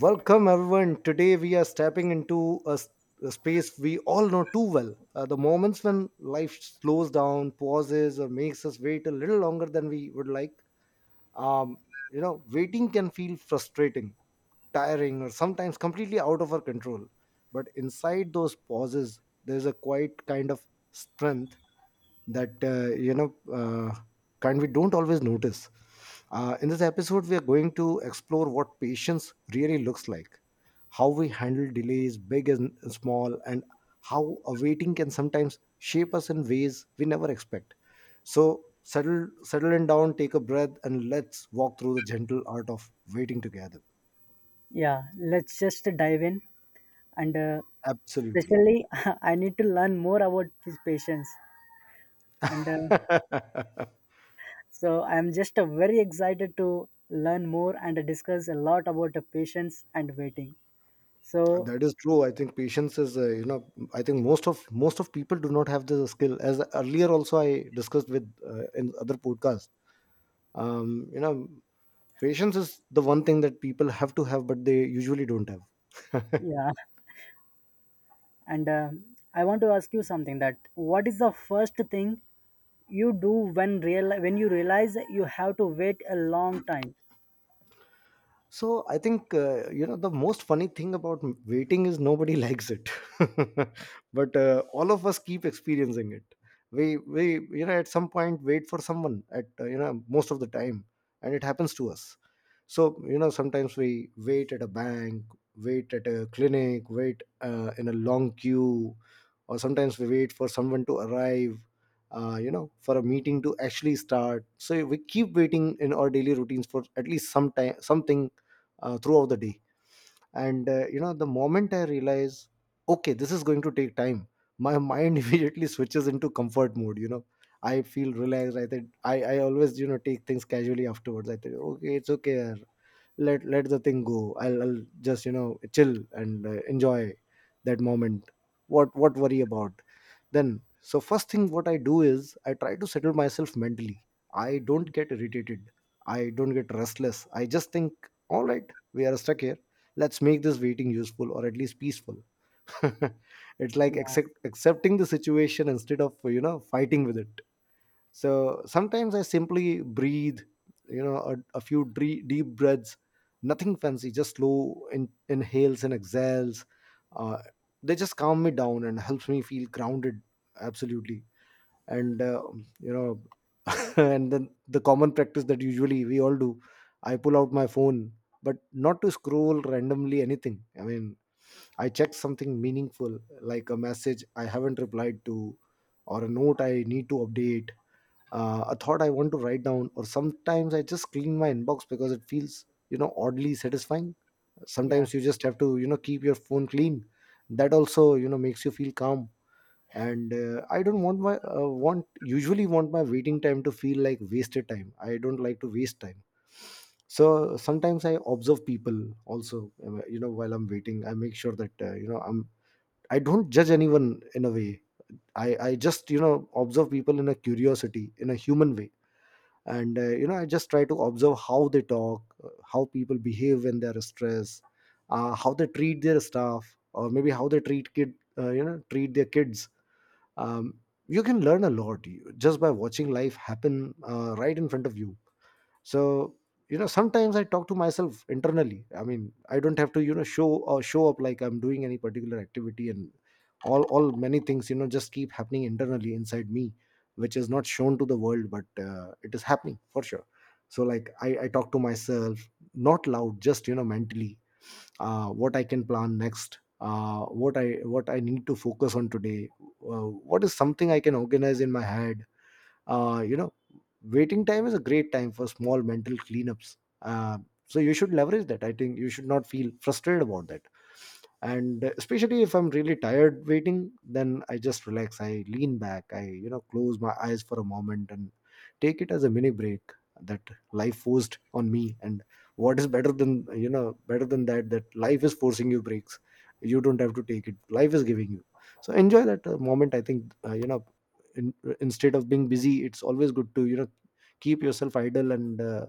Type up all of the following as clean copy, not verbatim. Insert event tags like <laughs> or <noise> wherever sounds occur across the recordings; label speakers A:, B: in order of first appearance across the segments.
A: Welcome, everyone. Today we are stepping into a space we all know too well. The moments when life slows down, pauses, or makes us wait a little longer than we would like. um, Waiting can feel frustrating, tiring, or sometimes completely out of our control, but inside those pauses there's a quiet kind of strength that kind we don't always notice. In this episode we are going to explore what patience really looks like, how we handle delays big and small, and how awaiting can sometimes shape us in ways we never expect. So settle in down, take a breath, and let's walk through the gentle art of waiting together.
B: Yeah, let's just dive in. And
A: Absolutely.
B: Especially, <laughs> I need to learn more about his patients. And
A: <laughs>
B: so I'm just very excited to learn more and discuss a lot about the patients and waiting. So,
A: That is true. I think patience is I think most of people do not have the skill. As earlier also I discussed with in other podcasts, um you know patience is the one thing that people have to have but they usually don't have.
B: yeah, and I want to ask you something, that what is the first thing you do when you realize you have to wait a long time?
A: So I think the most funny thing about waiting is nobody likes it, <laughs> but all of us keep experiencing it. We at some point wait for someone at most of the time, and it happens to us. So sometimes we wait at a bank, wait at a clinic, wait in a long queue, or sometimes we wait for someone to arrive. For a meeting to actually start, so we keep waiting in our daily routines for at least some time, something throughout the day. And the moment I realize okay, this is going to take time, my mind <laughs> immediately switches into comfort mode. I feel relaxed. I think I always take things casually afterwards. I think okay, it's okay, let the thing go. I'll just chill and enjoy that moment. What worry about then? So first thing what I do is I try to settle myself mentally. I don't get irritated. I don't get restless. I just think, all right, we are stuck here, let's make this waiting useful or at least peaceful. <laughs> It's like
B: Yeah,
A: accepting the situation instead of fighting with it. So sometimes I simply breathe, a few deep breaths, nothing fancy, just slow inhales and exhales. uh, they just calm me down and helps me feel grounded. Absolutely. And you know <laughs> and then the common practice that usually we all do, I pull out my phone, but not to scroll randomly anything. I mean, I check something meaningful, like a message I haven't replied to, or a note I need to update, a thought I want to write down, or sometimes I just clean my inbox because it feels, you know, oddly satisfying.
B: yeah.
A: Sometimes you just have to, you know, keep your phone clean. That also, you know, makes you feel calm. And I don't want my want usually want my waiting time to feel like wasted time. I don't like to waste time. So sometimes I observe people also, you know, while I'm waiting. I make sure that I'm, I don't judge anyone in a way. I just observe people in a curiosity, in a human way, and I just try to observe how they talk, how people behave when they're stressed, how they treat their staff, or maybe how they treat kid treat their kids. um, you can learn a lot just by watching life happen right in front of you. So sometimes I talk to myself internally. I mean, I don't have to show or show up like I'm doing any particular activity, and all many things just keep happening internally inside me, which is not shown to the world but it is happening for sure. So like I talk to myself, not loud, just mentally, what I can plan next, what I need to focus on today, what is something I can organize in my head, uh, you know waiting time is a great time for small mental cleanups. So you should leverage that. I think you should not feel frustrated about that. And especially if I'm really tired waiting, then I just relax. I lean back. I close my eyes for a moment and take it as a mini break that life forced on me. And what is better than better than that, that life is forcing you breaks. You don't have to take it. Life is giving you. So enjoy that moment. I think instead of being busy, it's always good to keep yourself idle and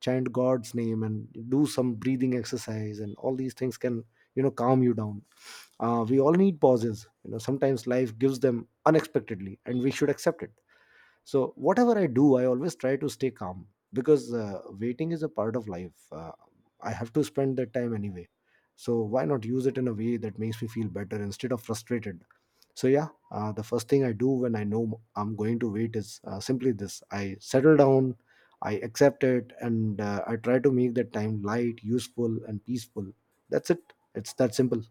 A: chant God's name and do some breathing exercise, and all these things can calm you down. We all need pauses. Sometimes life gives them unexpectedly and we should accept it. So whatever I do, I always try to stay calm, because waiting is a part of life. I have to spend that time anyway, so why not use it in a way that makes me feel better instead of frustrated. So yeah, the first thing I do when I know I'm going to wait is simply this: I settle down, I accept it, and I try to make that time light, useful and peaceful. That's it. It's that simple.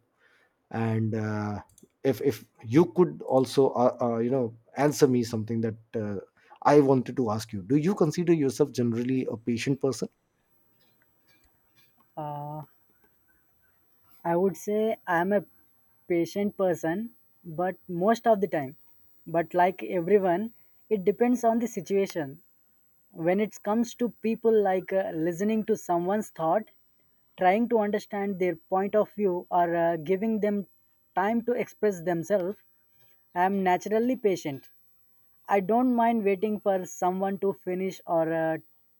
A: And if you could also answer me something, that I wanted to ask you, do you consider yourself generally a patient person?
B: Uh, I would say I'm a patient person, but most of the time. But like everyone, it depends on the situation. When it comes to people, like listening to someone's thought, trying to understand their point of view, or giving them time to express themselves, I am naturally patient. I don't mind waiting for someone to finish or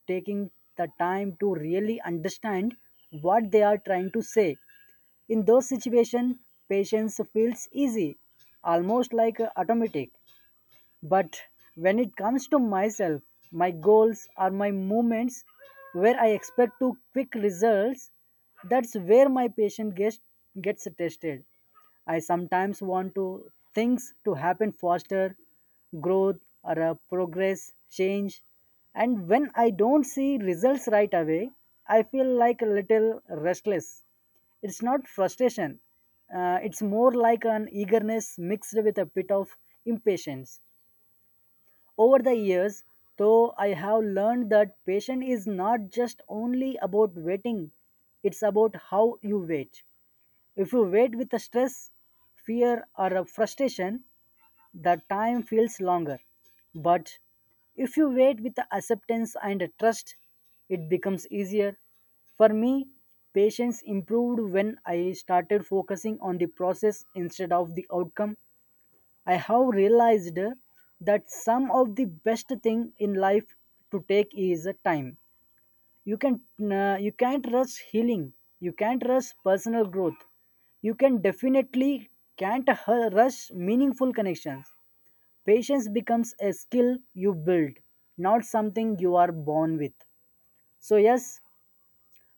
B: taking the time to really understand what they are trying to say. In those situations, patience feels easy, almost like automatic. But when it comes to myself, my goals are my moments where I expect to quick results. That's where my patience gets tested. I sometimes want to things to happen faster, growth or a progress, change. And when I don't see results right away, I feel like a little restless. It's not frustration. It's more like an eagerness mixed with a bit of impatience. Over the years, though, I have learned that patience is not just only about waiting, it's about how you wait. If you wait with a stress, fear, or a frustration, the time feels longer. But if you wait with the acceptance and a trust, it becomes easier. For me, patience improved when I started focusing on the process instead of the outcome. I have realized that some of the best thing in life to take is a time. You can you can't rush healing. You can't rush personal growth. You can definitely can't hu- rush meaningful connections. Patience becomes a skill you build, not something you are born with. So yes,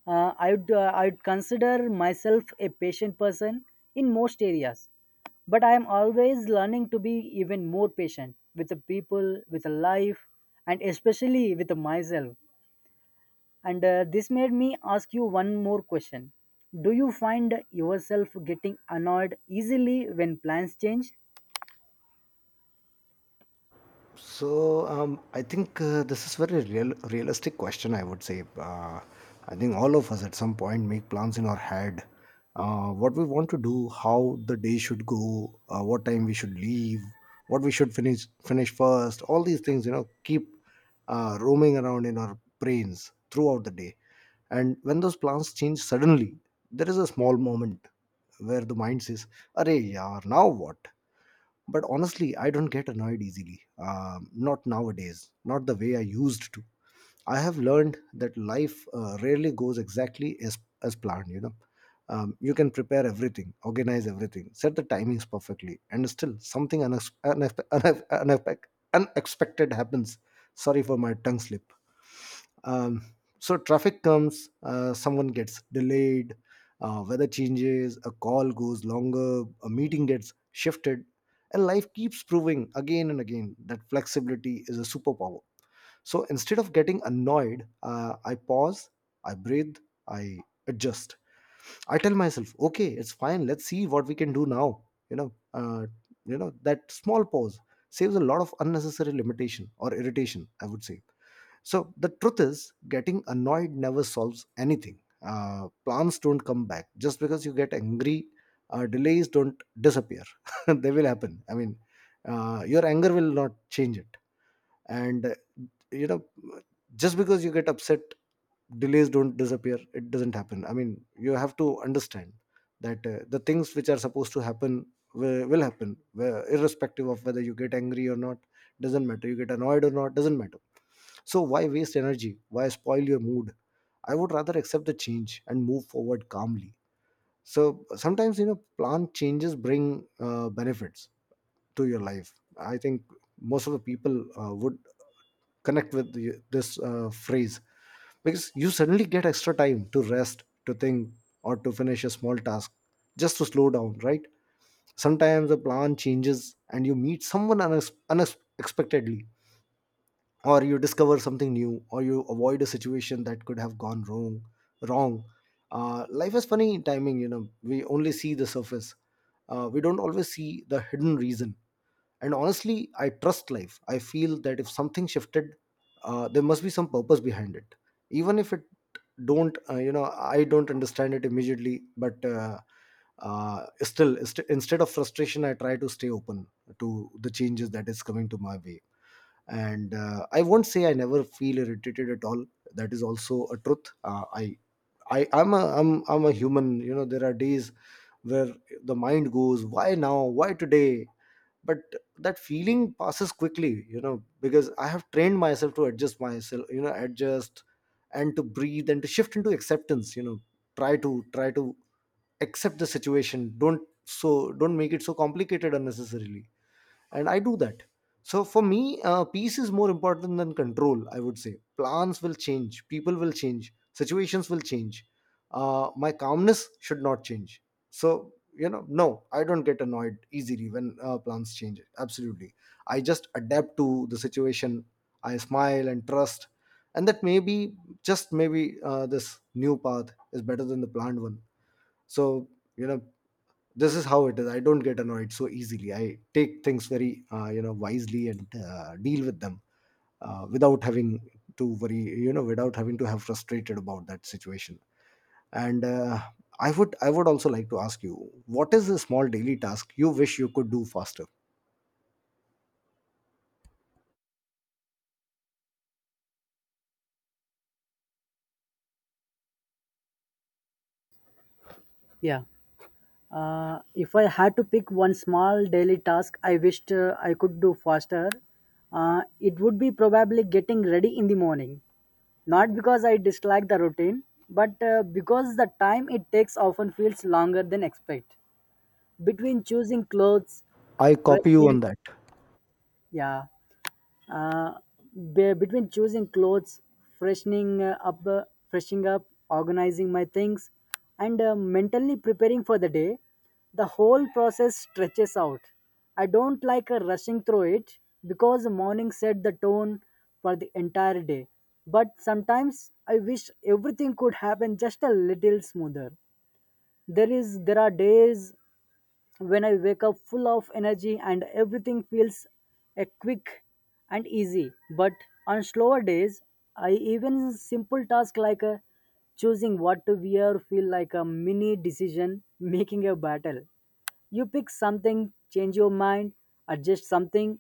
B: I would consider myself a patient person in most areas, but I am always learning to be even more patient with the people, with the life, and especially with myself. And This made me ask you one more question: do you find yourself getting annoyed easily when plans change?
A: So I think this is very realistic question, I would say. I think all of us at some point make plans in our head. What we want to do, how the day should go, what time we should leave, what we should finish first. All these things, you know, keep roaming around in our brains throughout the day. And when those plans change suddenly, there is a small moment where the mind says, "Arey, yaar, now what?" But honestly, I don't get annoyed easily. Not nowadays, not the way I used to. I have learned that life rarely goes exactly as planned, you know. You can prepare everything, organize everything, set the timings perfectly, and still something unexpected happens. Sorry for my tongue slip. um, so traffic comes, someone gets delayed, weather changes, a call goes longer, a meeting gets shifted, and life keeps proving again and again that flexibility is a superpower. So instead of getting annoyed, I pause, I breathe, I adjust. I tell myself okay, it's fine, let's see what we can do now. you know uh, that small pause saves a lot of unnecessary limitation or irritation, I would say. So the truth is, getting annoyed never solves anything. Plans don't come back just because you get angry. Delays don't disappear; <laughs> they will happen. I mean, your anger will not change it. And you know just because you get upset, delays don't disappear, it doesn't happen. I mean, you have to understand that the things which are supposed to happen will happen, irrespective of whether you get angry or not. Doesn't matter you get annoyed or not, doesn't matter. So why waste energy, why spoil your mood? I would rather accept the change and move forward calmly. So sometimes, you know, plan changes bring benefits to your life. I think most of the people would connect with this phrase, because you suddenly get extra time to rest, to think, or to finish a small task, just to slow down, right? Sometimes the plan changes and you meet someone unexpectedly, or you discover something new, or you avoid a situation that could have gone wrong. Life is funny timing, you know, we only see the surface. We don't always see the hidden reason. And honestly, I trust life. I feel that if something shifted, there must be some purpose behind it, even if it don't I don't understand it immediately. But still instead of frustration, I try to stay open to the changes that is coming to my way. And I won't say I never feel irritated at all. That is also a truth. I'm a I'm a human, you know, there are days where the mind goes, why now, why today? But that feeling passes quickly You know, because I have trained myself to adjust myself, you know, adjust and to breathe and to shift into acceptance. Try to accept the situation. Don't make it so complicated unnecessarily, and I do that. So for me, peace is more important than control, I would say. Plans will change, people will change, situations will change. My calmness should not change. So, you know, no, I don't get annoyed easily when plans change. Absolutely, I just adapt to the situation. I smile and trust, and that maybe, just maybe, this new path is better than the planned one. So you know this is how it is. I don't get annoyed so easily. I take things very, wisely, and deal with them without having to worry, you know, without having to have frustrated about that situation. And I would also like to ask you, what is a small daily task you wish you could do faster?
B: Yeah. If I had to pick one small daily task I wished I could do faster, it would be probably getting ready in the morning. Not because I dislike the routine, but because the time it takes often feels longer than expect. Between choosing clothes,
A: I copy you
B: freshening,
A: on that.
B: yeah, uh, between choosing clothes, freshening uh, up uh, freshening up, organizing my things, and mentally preparing for the day, the whole process stretches out. I don't like rushing through it, because the morning set the tone for the entire day. But sometimes I wish everything could happen just a little smoother. There are days when I wake up full of energy and everything feels a quick and easy. But on slower days, I even simple tasks like choosing what to wear feel like a mini decision <laughs> making a battle. You pick something, change your mind, adjust something,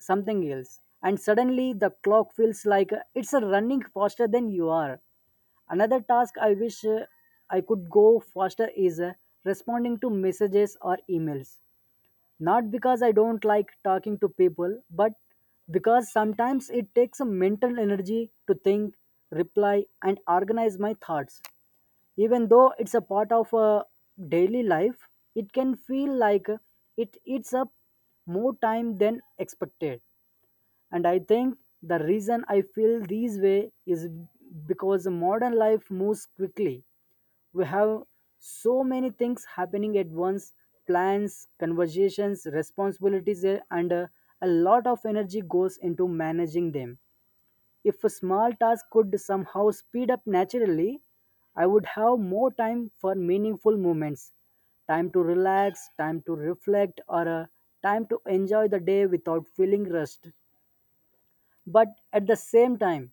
B: something else, and suddenly the clock feels like it's running faster than you are. Another task I wish I could go faster is responding to messages or emails. Not because I don't like talking to people, but because sometimes it takes a mental energy to think, reply, and organize my thoughts. Even though it's a part of a daily life, it can feel like it eats up more time than expected. And I think the reason I feel this way is because modern life moves quickly. We have so many things happening at once: plans, conversations, responsibilities, and a lot of energy goes into managing them. If a small task could somehow speed up naturally, I would have more time for meaningful moments: time to relax, time to reflect, or time to enjoy the day without feeling rushed. But at the same time,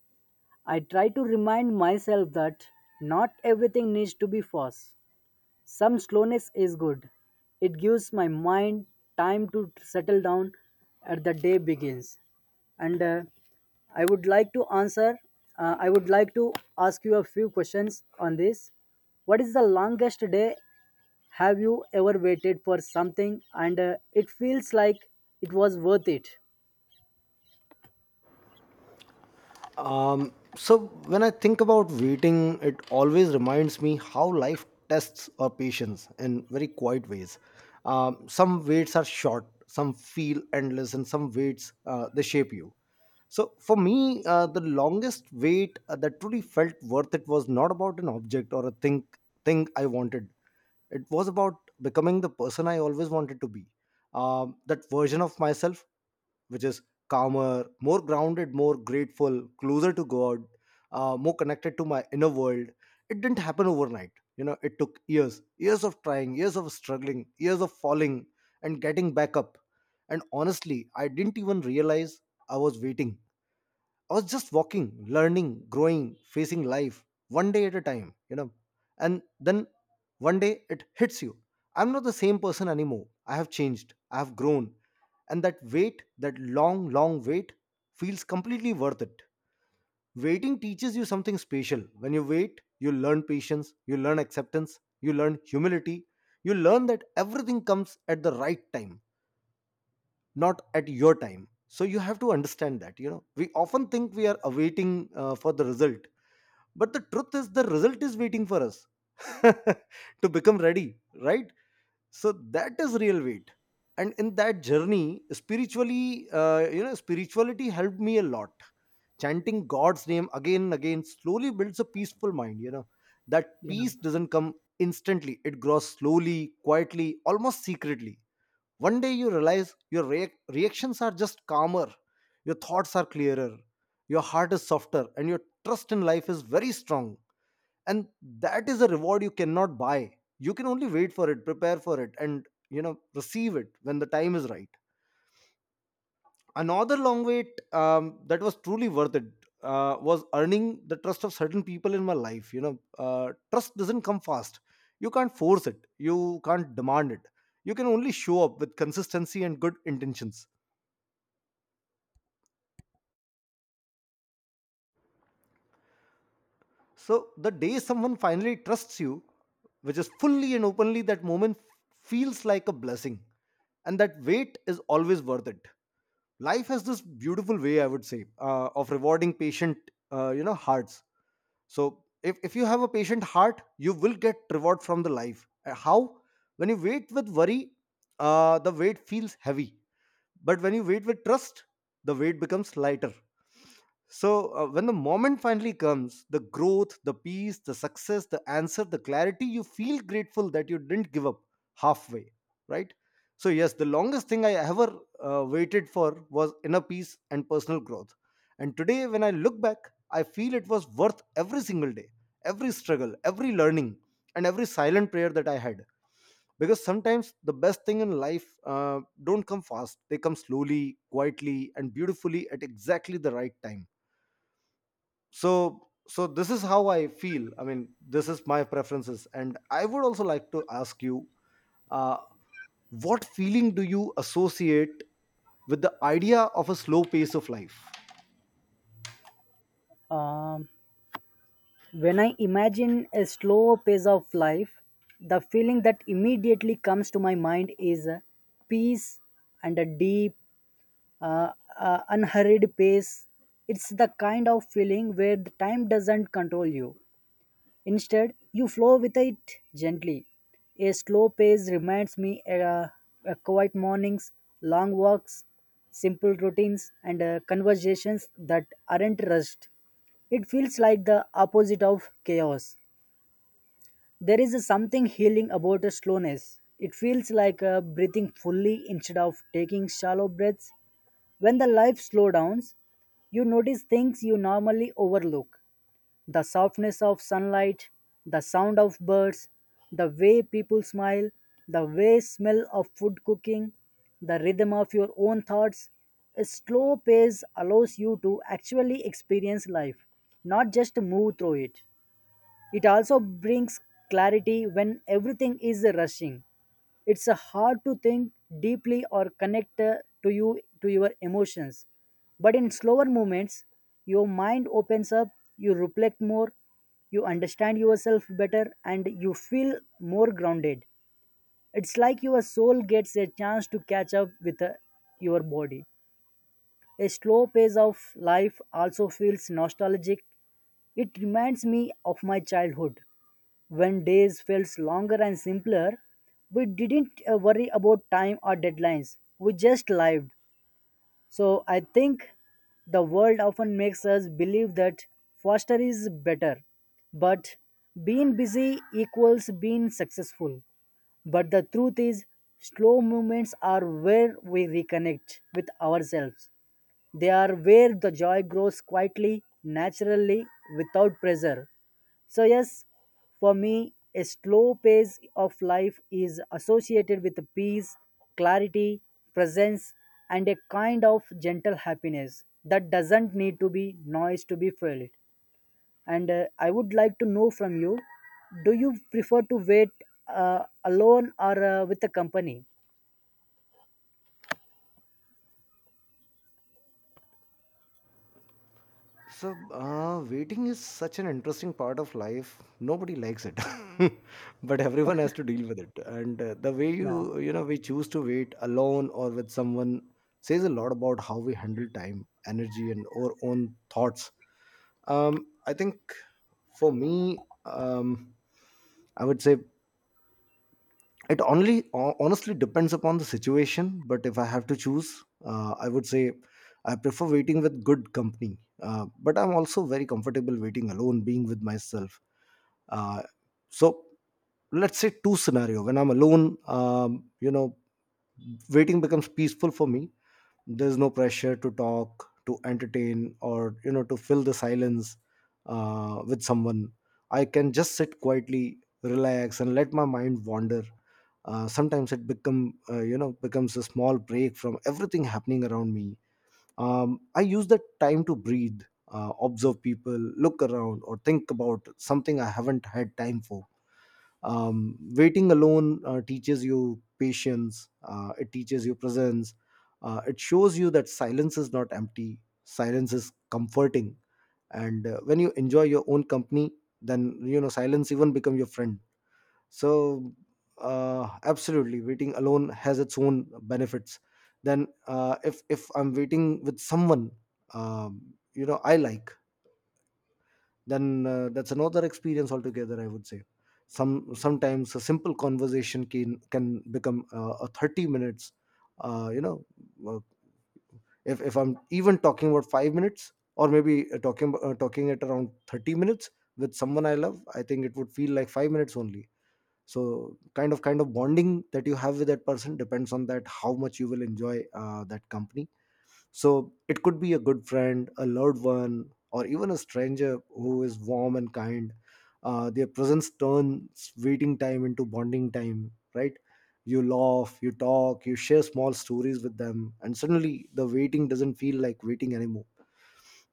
B: I try to remind myself that not everything needs to be fast. Some slowness is good. It gives my mind time to settle down as the day begins. And I would like to answer, I would like to ask you a few questions on this. What is the longest day have you ever waited for something and it feels like it was worth it?
A: So when I think about waiting, it always reminds me how life tests our patience in very quiet ways. Some waits are short, some feel endless, and some waits, they shape you. So for me, the longest wait that truly felt worth it was not about an object or a thing I wanted. It was about becoming the person I always wanted to be. That version of myself, which is calmer, more grounded, more grateful, closer to God, more connected to my inner world. It didn't happen overnight. You know, it took years, years of trying, years of struggling, years of falling and getting back up. And honestly, I didn't even realize I was waiting. I was just walking, learning, growing, facing life one day at a time, you know. And then one day it hits you. I'm not the same person anymore. I have changed. I have grown. And that wait, that long, long wait, feels completely worth it. Waiting teaches you something special. When you wait, you learn patience, you learn acceptance, you learn humility, you learn that everything comes at the right time, not at your time. So you have to understand that, you know, we often think we are awaiting for the result, but the truth is the result is waiting for us <laughs> to become ready, right? So that is real weight. And in that journey spiritually, spirituality helped me a lot. Chanting god's name again and again slowly builds a peaceful mind, you know. That peace
B: Yeah.
A: doesn't come instantly, it grows slowly, quietly, almost secretly. One day you realize your reactions are just calmer, your thoughts are clearer, your heart is softer, and your trust in life is very strong. And that is a reward you cannot buy. You can only wait for it, prepare for it, and, you know, receive it when the time is right. Another long wait that was truly worth it was earning the trust of certain people in my life. You know, trust doesn't come fast. You can't force it. You can't demand it. You can only show up with consistency and good intentions. So the day someone finally trusts you, which is fully and openly, that moment feels like a blessing. And that wait is always worth it. Life has this beautiful way, I would say, of rewarding patient, hearts. So if you have a patient heart, you will get reward from the life. How? When you wait with worry, the weight feels heavy. But when you wait with trust, the weight becomes lighter. So, when the moment finally comes, the growth, the peace, the success, the answer, the clarity, you feel grateful that you didn't give up halfway, right? So, yes, the longest thing I ever waited for was inner peace and personal growth. And today, when I look back, I feel it was worth every single day, every struggle, every learning, and every silent prayer that I had, because sometimes the best thing in life don't come fast. They come slowly, quietly, and beautifully at exactly the right time. So this is how I feel. I mean, this is my preferences, and I would also like to ask you, uh, what feeling do you associate with the idea of a slow pace of life?
B: Um, When I imagine a slow pace of life, the feeling that immediately comes to my mind is a peace and a deep, uh, unhurried pace. It's the kind of feeling where the time doesn't control you. Instead, you flow with it gently. A slow pace reminds me quiet mornings, long walks, simple routines, and conversations that aren't rushed. It feels like the opposite of chaos. There is a something healing about a slowness. It feels like breathing fully instead of taking shallow breaths. When the life slows down, you notice things you normally overlook: the softness of sunlight, the sound of birds, the way people smile, the way smell of food cooking, the rhythm of your own thoughts. A slow pace allows you to actually experience life, not just move through it. It also brings clarity when everything is rushing. It's hard to think deeply or connect to your emotions. But in slower moments, your mind opens up, you reflect more, you understand yourself better, and you feel more grounded. It's like your soul gets a chance to catch up with your body. A slow pace of life also feels nostalgic. It reminds me of my childhood when days felt longer and simpler, we didn't worry about time or deadlines. We just lived. So I think the world often makes us believe that faster is better, but being busy equals being successful. But the truth is, slow movements are where we reconnect with ourselves. They are where the joy grows quietly, naturally, without pressure. So, yes, for me, a slow pace of life is associated with peace, clarity, presence, and a kind of gentle happiness that doesn't need to be noise to be felt. And I would like to know from you: do you prefer to wait alone or with a company?
A: So waiting is such an interesting part of life. Nobody likes it, <laughs> but everyone has to deal with it. And the way
B: Yeah,
A: we choose to wait, alone or with someone, says a lot about how we handle time, energy, and our own thoughts. I think for me, um, I would say it only honestly depends upon the situation. But if I have to choose, I would say I prefer waiting with good company. But I'm also very comfortable waiting alone, being with myself. Uh, so let's say two scenario. When I'm alone, you know, waiting becomes peaceful for me. There's no pressure to talk, to entertain, or, you know, to fill the silence with someone. I can just sit quietly, relax, and let my mind wander. Sometimes it becomes a small break from everything happening around me. I use that time to breathe, observe people, look around, or think about something I haven't had time for. Waiting alone teaches you patience, it teaches you presence. It shows you that silence is not empty, silence is comforting. And when you enjoy your own company, then, you know, silence even become your friend. So, absolutely, waiting alone has its own benefits. Then, if I'm waiting with someone, you know, I like, then that's another experience altogether. I would say, sometimes a simple conversation can become a 30 minutes. Uh, you know, uh, if I'm even talking about 5 minutes, or maybe talking at around 30 minutes with someone I love, I think it would feel like 5 minutes only. So kind of bonding that you have with that person depends on that how much you will enjoy that company. So it could be a good friend, a loved one, or even a stranger who is warm and kind. Their presence turns waiting time into bonding time, right? You laugh, you talk, you share small stories with them, and suddenly the waiting doesn't feel like waiting anymore.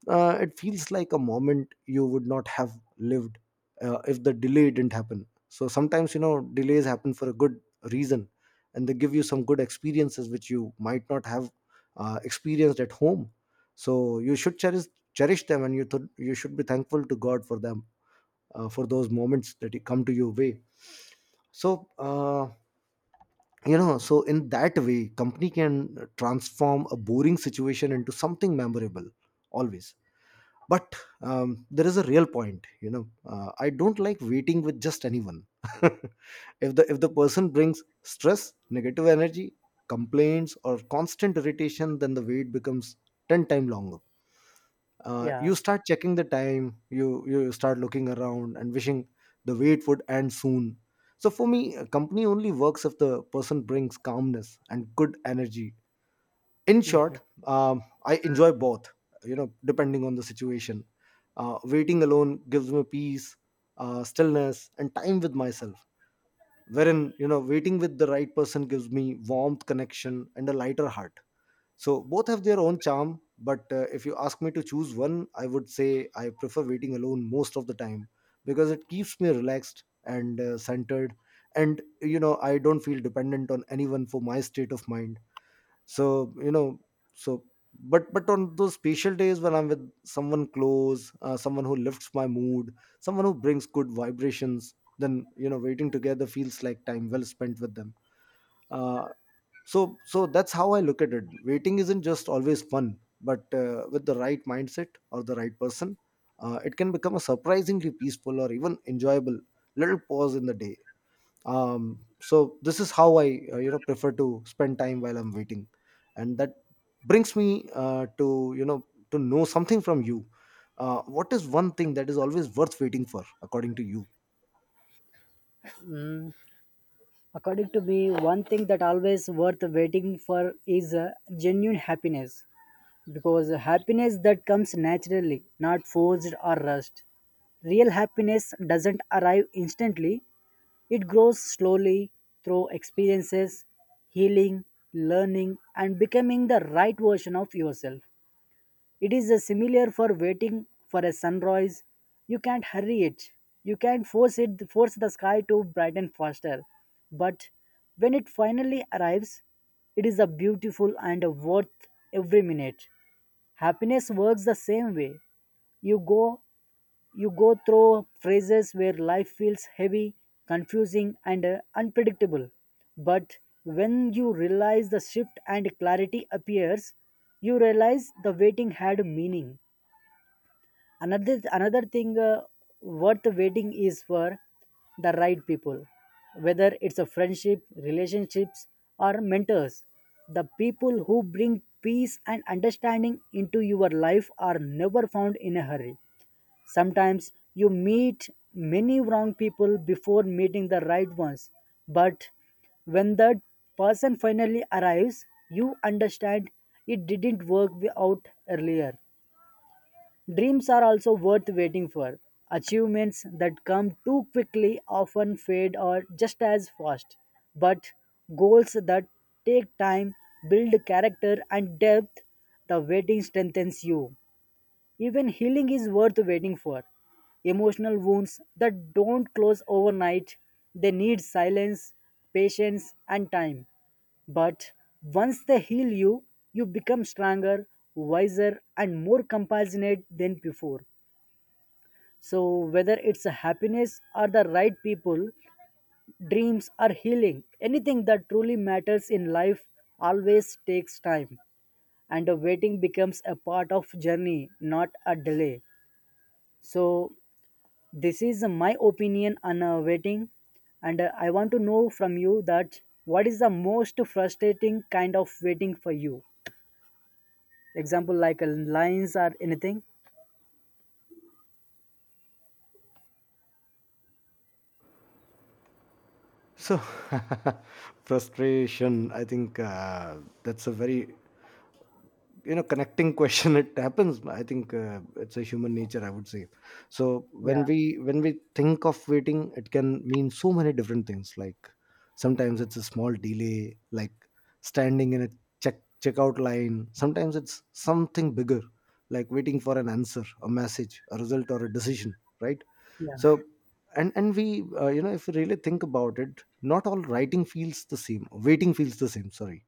A: It feels like a moment you would not have lived if the delay didn't happen. So sometimes, you know, delays happen for a good reason, and they give you some good experiences which you might not have experienced at home. So you should cherish them, and you should be thankful to god for them, for those moments that come to your way. So uh, you know so in that way company can transform a boring situation into something memorable always. But there is a real point, you know, I don't like waiting with just anyone. <laughs> If the person brings stress, negative energy, complaints, or constant irritation, then the wait becomes 10 times longer.
B: yeah.
A: You start checking the time, you start looking around and wishing the wait would end soon. So for me, a company only works if the person brings calmness and good energy. In short,
B: Mhm.
A: I enjoy both, you know, depending on the situation. Waiting alone gives me peace, stillness, and time with myself, wherein, you know, waiting with the right person gives me warmth, connection, and a lighter heart. So both have their own charm, but if you ask me to choose one, I would say I prefer waiting alone most of the time, because it keeps me relaxed and centered. And, you know, I don't feel dependent on anyone for my state of mind. So you know so but but on those special days when I'm with someone close, someone who lifts my mood, someone who brings good vibrations, then, you know, waiting together feels like time well spent with them. Uh, so so that's how I look at it. Waiting isn't just always fun, but with the right mindset or the right person, it can become a surprisingly peaceful or even enjoyable little pause in the day. So this is how I prefer to spend time while I'm waiting. And that brings me, to, you know, to know something from you. What is one thing that is always worth waiting for, according to you?
B: Mm. According to me, one thing that always worth waiting for is genuine happiness. Because happiness that comes naturally, not forced or rushed. Real happiness doesn't arrive instantly, it grows slowly through experiences, healing, learning, and becoming the right version of yourself. It is similar for waiting for a sunrise. You can't hurry it. You can't force it force the sky to brighten faster. But when it finally arrives, it is a beautiful and a worth every minute. Happiness works the same way. you go you go through phases where life feels heavy, confusing, and unpredictable. But when you realize the shift and clarity appears, you realize the waiting had meaning. Another thing worth waiting is for the right people, whether it's a friendship, relationships, or mentors. The people who bring peace and understanding into your life are never found in a hurry. Sometimes you meet many wrong people before meeting the right ones, but when that person finally arrives, you understand it didn't work out earlier. Dreams are also worth waiting for. Achievements that come too quickly often fade or just as fast. But goals that take time build character and depth. The waiting strengthens you. Even healing is worth waiting for. Emotional wounds that don't close overnight, they need silence, patience, and time. But once they heal you, you become stronger, wiser, and more compassionate than before. So, whether it's a happiness or the right people, dreams or healing, anything that truly matters in life always takes time. And the waiting becomes a part of journey, not a delay. So this is my opinion on waiting, and I want to know from you that what is the most frustrating kind of waiting for you, example like lines or anything?
A: So <laughs> frustration, I think, that's a very, you know, connecting <laughs> question. It happens. I think it's a human nature, I would say. So
B: yeah
A: when we when we think of waiting, it can mean so many different things. Like, sometimes it's a small delay, like standing in a check checkout line. Sometimes it's something bigger, like waiting for an answer, a message, a result, or a decision, right? So
B: yeah
A: and we, you know, if we really think about it, not all writing feels the same waiting feels the same, sorry.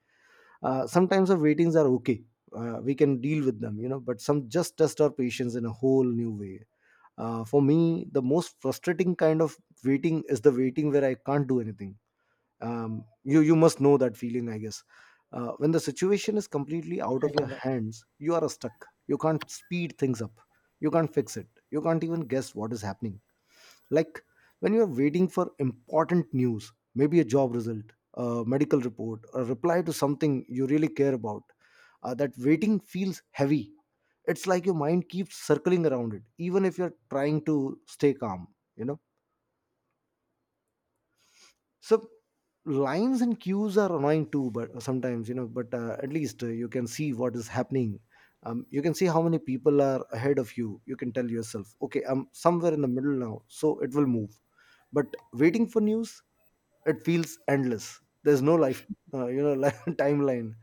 A: Sometimes the waitings are okay. We can deal with them, you know, but some just test our patience in a whole new way. For me, the most frustrating kind of waiting is the waiting where I can't do anything. You must know that feeling, I guess. When the situation is completely out of your hands, you are stuck. You can't speed things up. You can't fix it. You can't even guess what is happening, like, when you're waiting for important news, maybe a job result, a medical report, a reply to something you really care about. That waiting feels heavy. It's like your mind keeps circling around it even if you're trying to stay calm, you know. So lines and queues are annoying too, but sometimes, you know, but at least, you can see what is happening. You can see how many people are ahead of you. You can tell yourself, okay, I'm somewhere in the middle now, so it will move. But waiting for news, it feels endless. There's no life, you know, <laughs> like, timeline.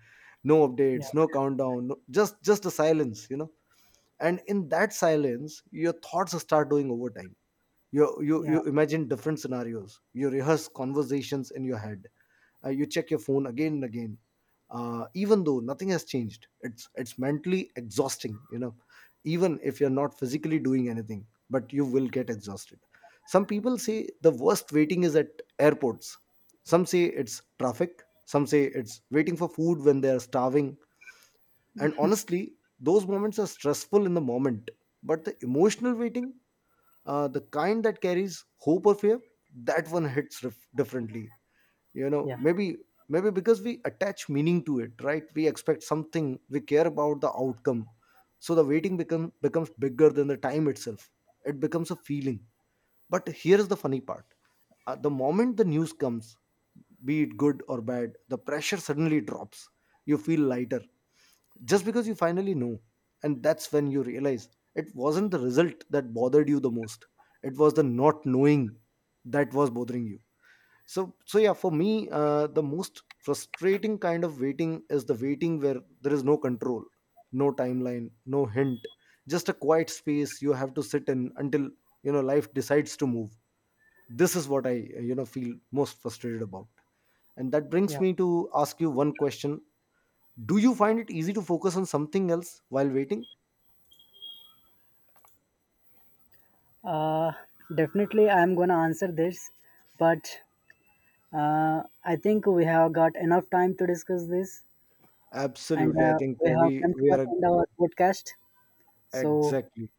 A: No
B: yeah
A: updates, no countdown, no, just a silence, you know. And in that silence, your thoughts start doing overtime. you you
B: yeah
A: you imagine different scenarios, you rehearse conversations in your head. You check your phone again and again. Even though nothing has changed, it's mentally exhausting, you know. Even if you're not physically doing anything, but you will get exhausted. Some people say the worst waiting is at airports. Some say it's traffic, some say it's waiting for food when they are starving. And honestly, those moments are stressful in the moment, but the emotional waiting, the kind that carries hope or fear, that one hits differently. You know,
B: yeah
A: maybe maybe because we attach meaning to it, right? We expect something, we care about the outcome. So the waiting becomes bigger than the time itself. It becomes a feeling. But here's the funny part. The moment the news comes, be it good or bad, the pressure suddenly drops. You feel lighter, just because you finally know. And that's when you realize it wasn't the result that bothered you the most. It was the not knowing that was bothering you. So yeah, for me, the most frustrating kind of waiting is the waiting where there is no control, no timeline, no hint. Just a quiet space you have to sit in until, you know, life decides to move. This is what I, you know, feel most frustrated about. And that brings
B: yeah
A: me to ask you one question. Do you find it easy to focus on something else while waiting?
B: uh, Definitely, I'm gonna answer this, but I think we have got enough time to discuss this, and
A: Absolutely. I think
B: we have come to
A: we
B: an
A: are
B: end of our podcast. So
A: exactly.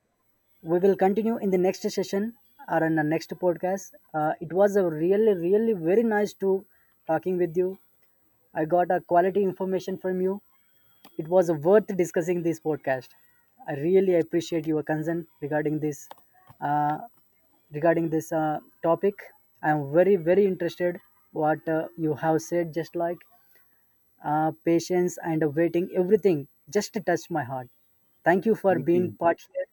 B: we will continue in the next session or in the next podcast. It was a really really very nice to talking with you. I got a quality information from you. It was worth discussing this podcast. I really appreciate your concern regarding this, uh, topic. I am very very interested what you have said. Just like patience and waiting, everything just touched my heart. Thank you for
A: Thank
B: being
A: you.
B: part here.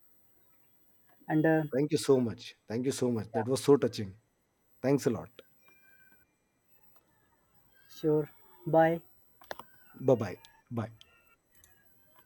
B: And
A: Thank you so much. Thank you so much. That was so touching. Thanks a lot.
B: Sure. Bye.
A: Bye bye. Bye.